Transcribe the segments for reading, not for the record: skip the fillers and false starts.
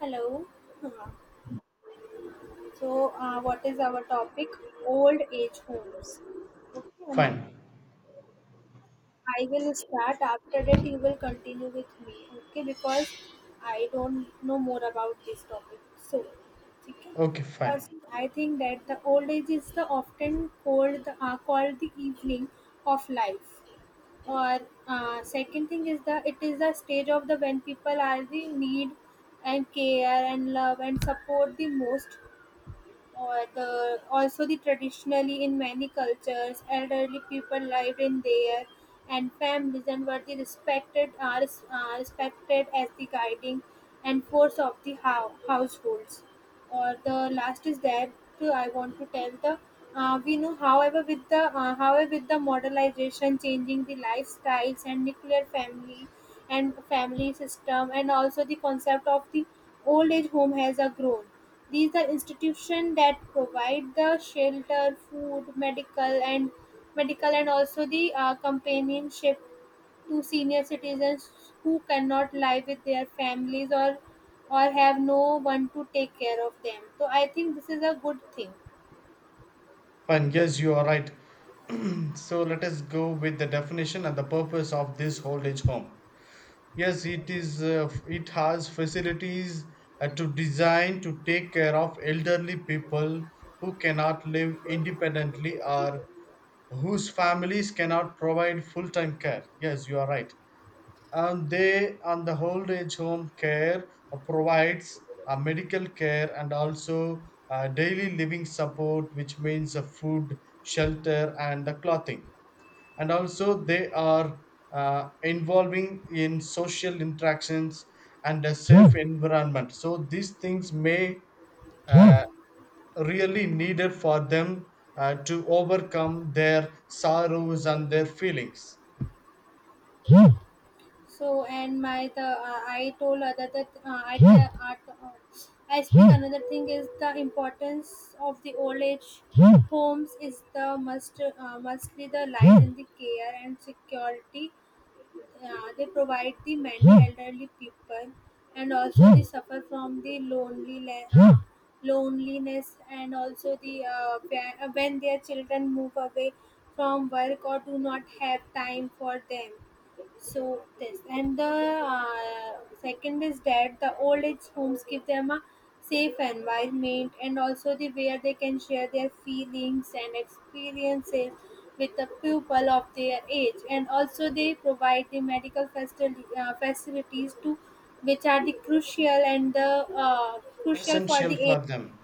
Hello. Uh, what is our topic? Old age homes. Okay, Emma, Fine. I will start. After that, you will continue with me. Okay, because I don't know more about this topic. Okay. Okay, fine. First, I think that the old age is the often called called the evening of life. Or second thing is the it is the stage of the when people are the need and care and love and support the most, or the also the traditionally in many cultures elderly people lived in their and families and were the respected are, respected as the guiding and force of the households, or the last is that I want to tell the we know, however, with the however, with the modernization changing the lifestyles and nuclear family and family system, and also the concept of the old age home has a grown. These are institutions that provide the shelter, food, medical and medical, and also the companionship to senior citizens who cannot live with their families, or have no one to take care of them, so I think this is a good thing. Fine. Yes, you are right. So let us go with the definition and the purpose of this old age home. Yes, it is. It has facilities to design to take care of elderly people who cannot live independently or whose families cannot provide full-time care. Yes, you are right. And the old age home care provides medical care, and also daily living support, which means food, shelter, and the clothing. And also they are involving in social interactions and a safe environment, so these things may, uh, really needed for them to overcome their sorrows and their feelings, So and my the I told other that I the art. I speak another thing is the importance of the old age homes is the must mostly the life in the care and security. Yeah, they provide the many elderly people, and also they suffer from the loneliness, and also the when their children move away from work or do not have time for them. So this and the second is that the old age homes give them a safe environment, and also the where they can share their feelings and experiences with the people of their age, and also they provide the facilities to which are the crucial and the crucial for essential the age, for them.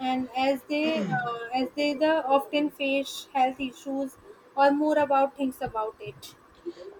and as they the often face health issues, or more about things about it.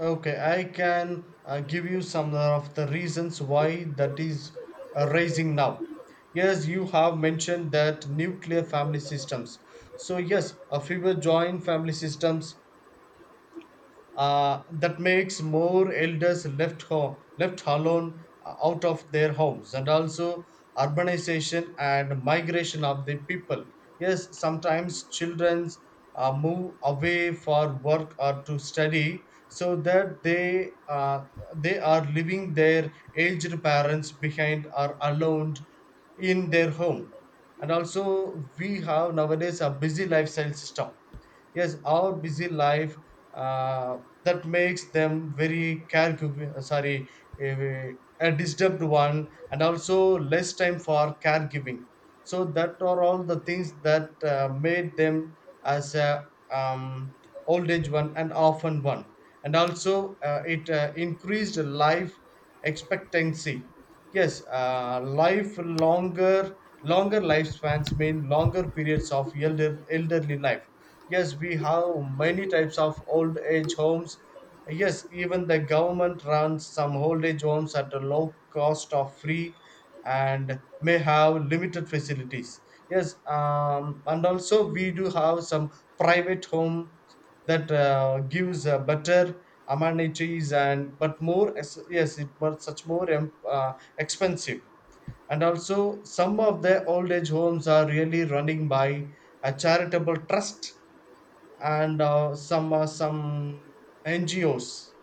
Okay, I can give you some of the reasons why that is rising now. Yes, you have mentioned that nuclear family systems. So, yes, a fewer joint family systems, that makes more elders left alone, out of their homes, and also urbanization and migration of the people. Yes, sometimes childrens move away for work or to study, so that they, they are leaving their aged parents behind or alone in their home. And also we have nowadays a busy lifestyle system. Yes, our busy life, uh, that makes them very caregiv- sorry a disturbed one, and also less time for caregiving. So that are all the things that made them as a old age one, and often one. And also it increased life expectancy. Yes, life longer, longer lifespans mean longer periods of elderly life. Yes, we have many types of old age homes. Yes, even the government runs some old age homes at a low cost of free, and may have limited facilities. Yes, and also we do have some private homes that gives better amenities, and yes, it was such more expensive. And also, some of the old age homes are really running by a charitable trust, and some NGOs.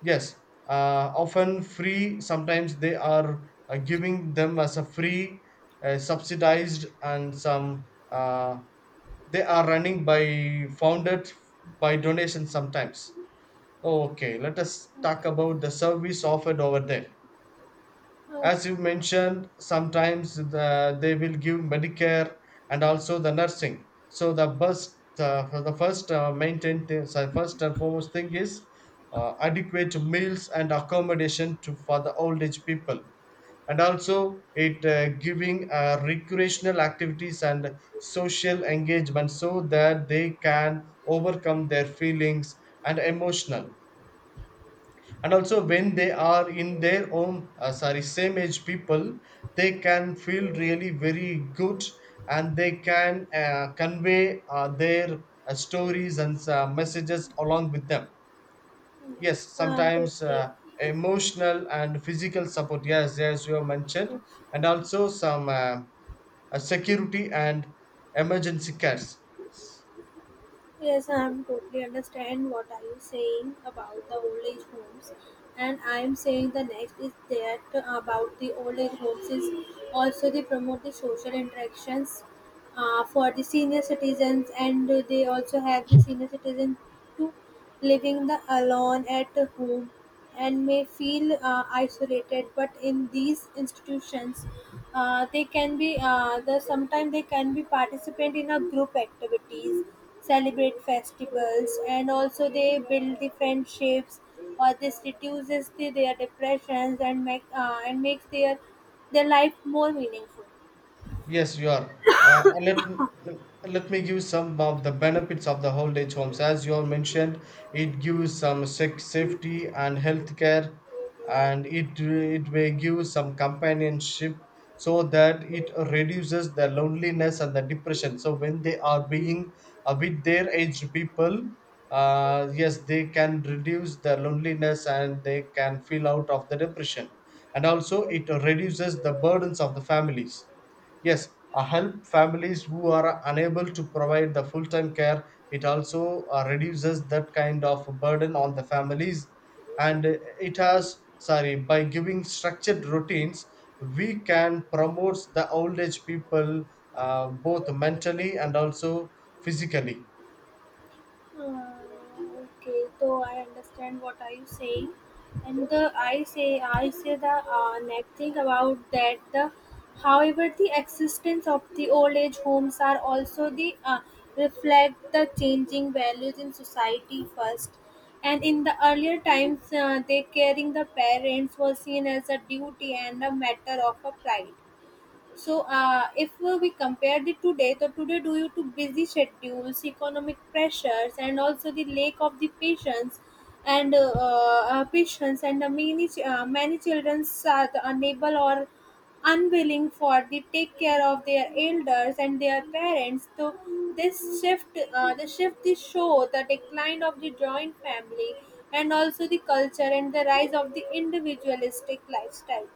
Yes, often free. Sometimes they are giving them as a free, subsidized, and some they are running by founded by donation sometimes. Okay, let us talk about the service offered over there. Okay. As you mentioned, sometimes they will give medicare and also the nursing. So the best, for the first maintain, so first and foremost thing is adequate meals and accommodation to for the old age people. And also it giving recreational activities and social engagement, so that they can overcome their feelings and emotional. And also, when they are in their own, sorry same age people, they can feel really very good, and they can convey their stories and messages along with them. Yes, Yes, I'm sometimes, totally emotional and physical support, yes, as you have mentioned. And also some, security and emergency cares. yes, I'm totally understand what are you saying about the old age homes, and I'm saying the next is that about the old age homes is also they promote the social interactions for the senior citizens, and they also have the senior citizens to living the alone at home and may feel isolated, but in these institutions they can be the sometimes they can be participant in a group activities, celebrate festivals, and also they build the friendships, or this reduces their depressions and make and makes their life more meaningful. Yes, you are. And let me give some of the benefits of the old age homes. As you all mentioned, it gives some safety and health care, and it may give some companionship, so that it reduces the loneliness and the depression. So when they are being with their aged people, yes, they can reduce the loneliness and they can feel out of the depression. And also, it reduces the burdens of the families. Yes, help families who are unable to provide the full time care. It also reduces that kind of burden on the families. And It has, sorry, by giving structured routines, we can promote the old age people both mentally and also physically. Hmm, okay, so I understand what are you saying, and the I say I say the next thing about that the however the existence of the old age homes are also the reflect the changing values in society. First, and in the earlier times, they caring the parents was seen as a duty and a matter of a pride. So, if we compare the today due to busy schedules, economic pressures, and also the lack of the patience, and many children are unable or unwilling for the take care of their elders and their parents. So, the shift, the show the decline of the joint family, and also the culture and the rise of the individualistic lifestyle.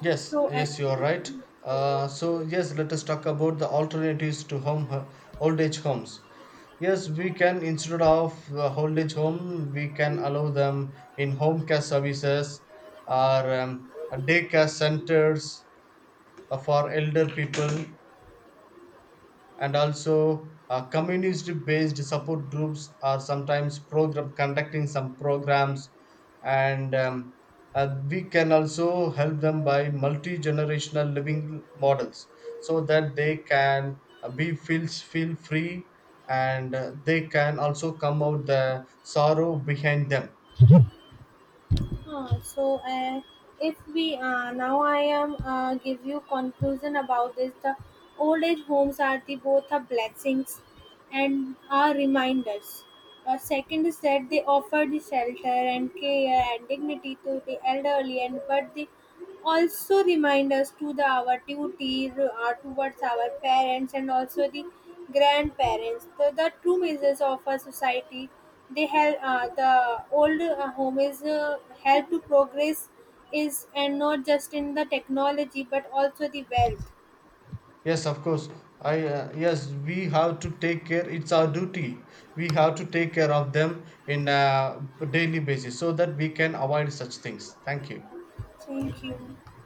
Yes, So. Uh, yes, you are right. So yes, let us talk about the alternatives to old age homes. Yes, we can, instead of the old age home, we can allow them in home care services, or daycare centers for elder people. And also, communist based support groups are sometimes program conducting some programs. And we can also help them by multi generational living models, so that they can be feel free, and they can also come out the sorrow behind them. Huh, so uh, if we now I am give you conclusion about this the old age homes are the both are blessings and are reminders. Second is that they offer the shelter and care and dignity to the elderly, and but the also remind us to the our duty towards our parents, and also the grandparents the true measures of our society. They help the old home is help to progress is and not just in the technology but also the wealth. Yes, of course. I yes, we have to take care, it's our duty. We have to take care of them in a daily basis, so that we can avoid such things. Thank you. Thank you.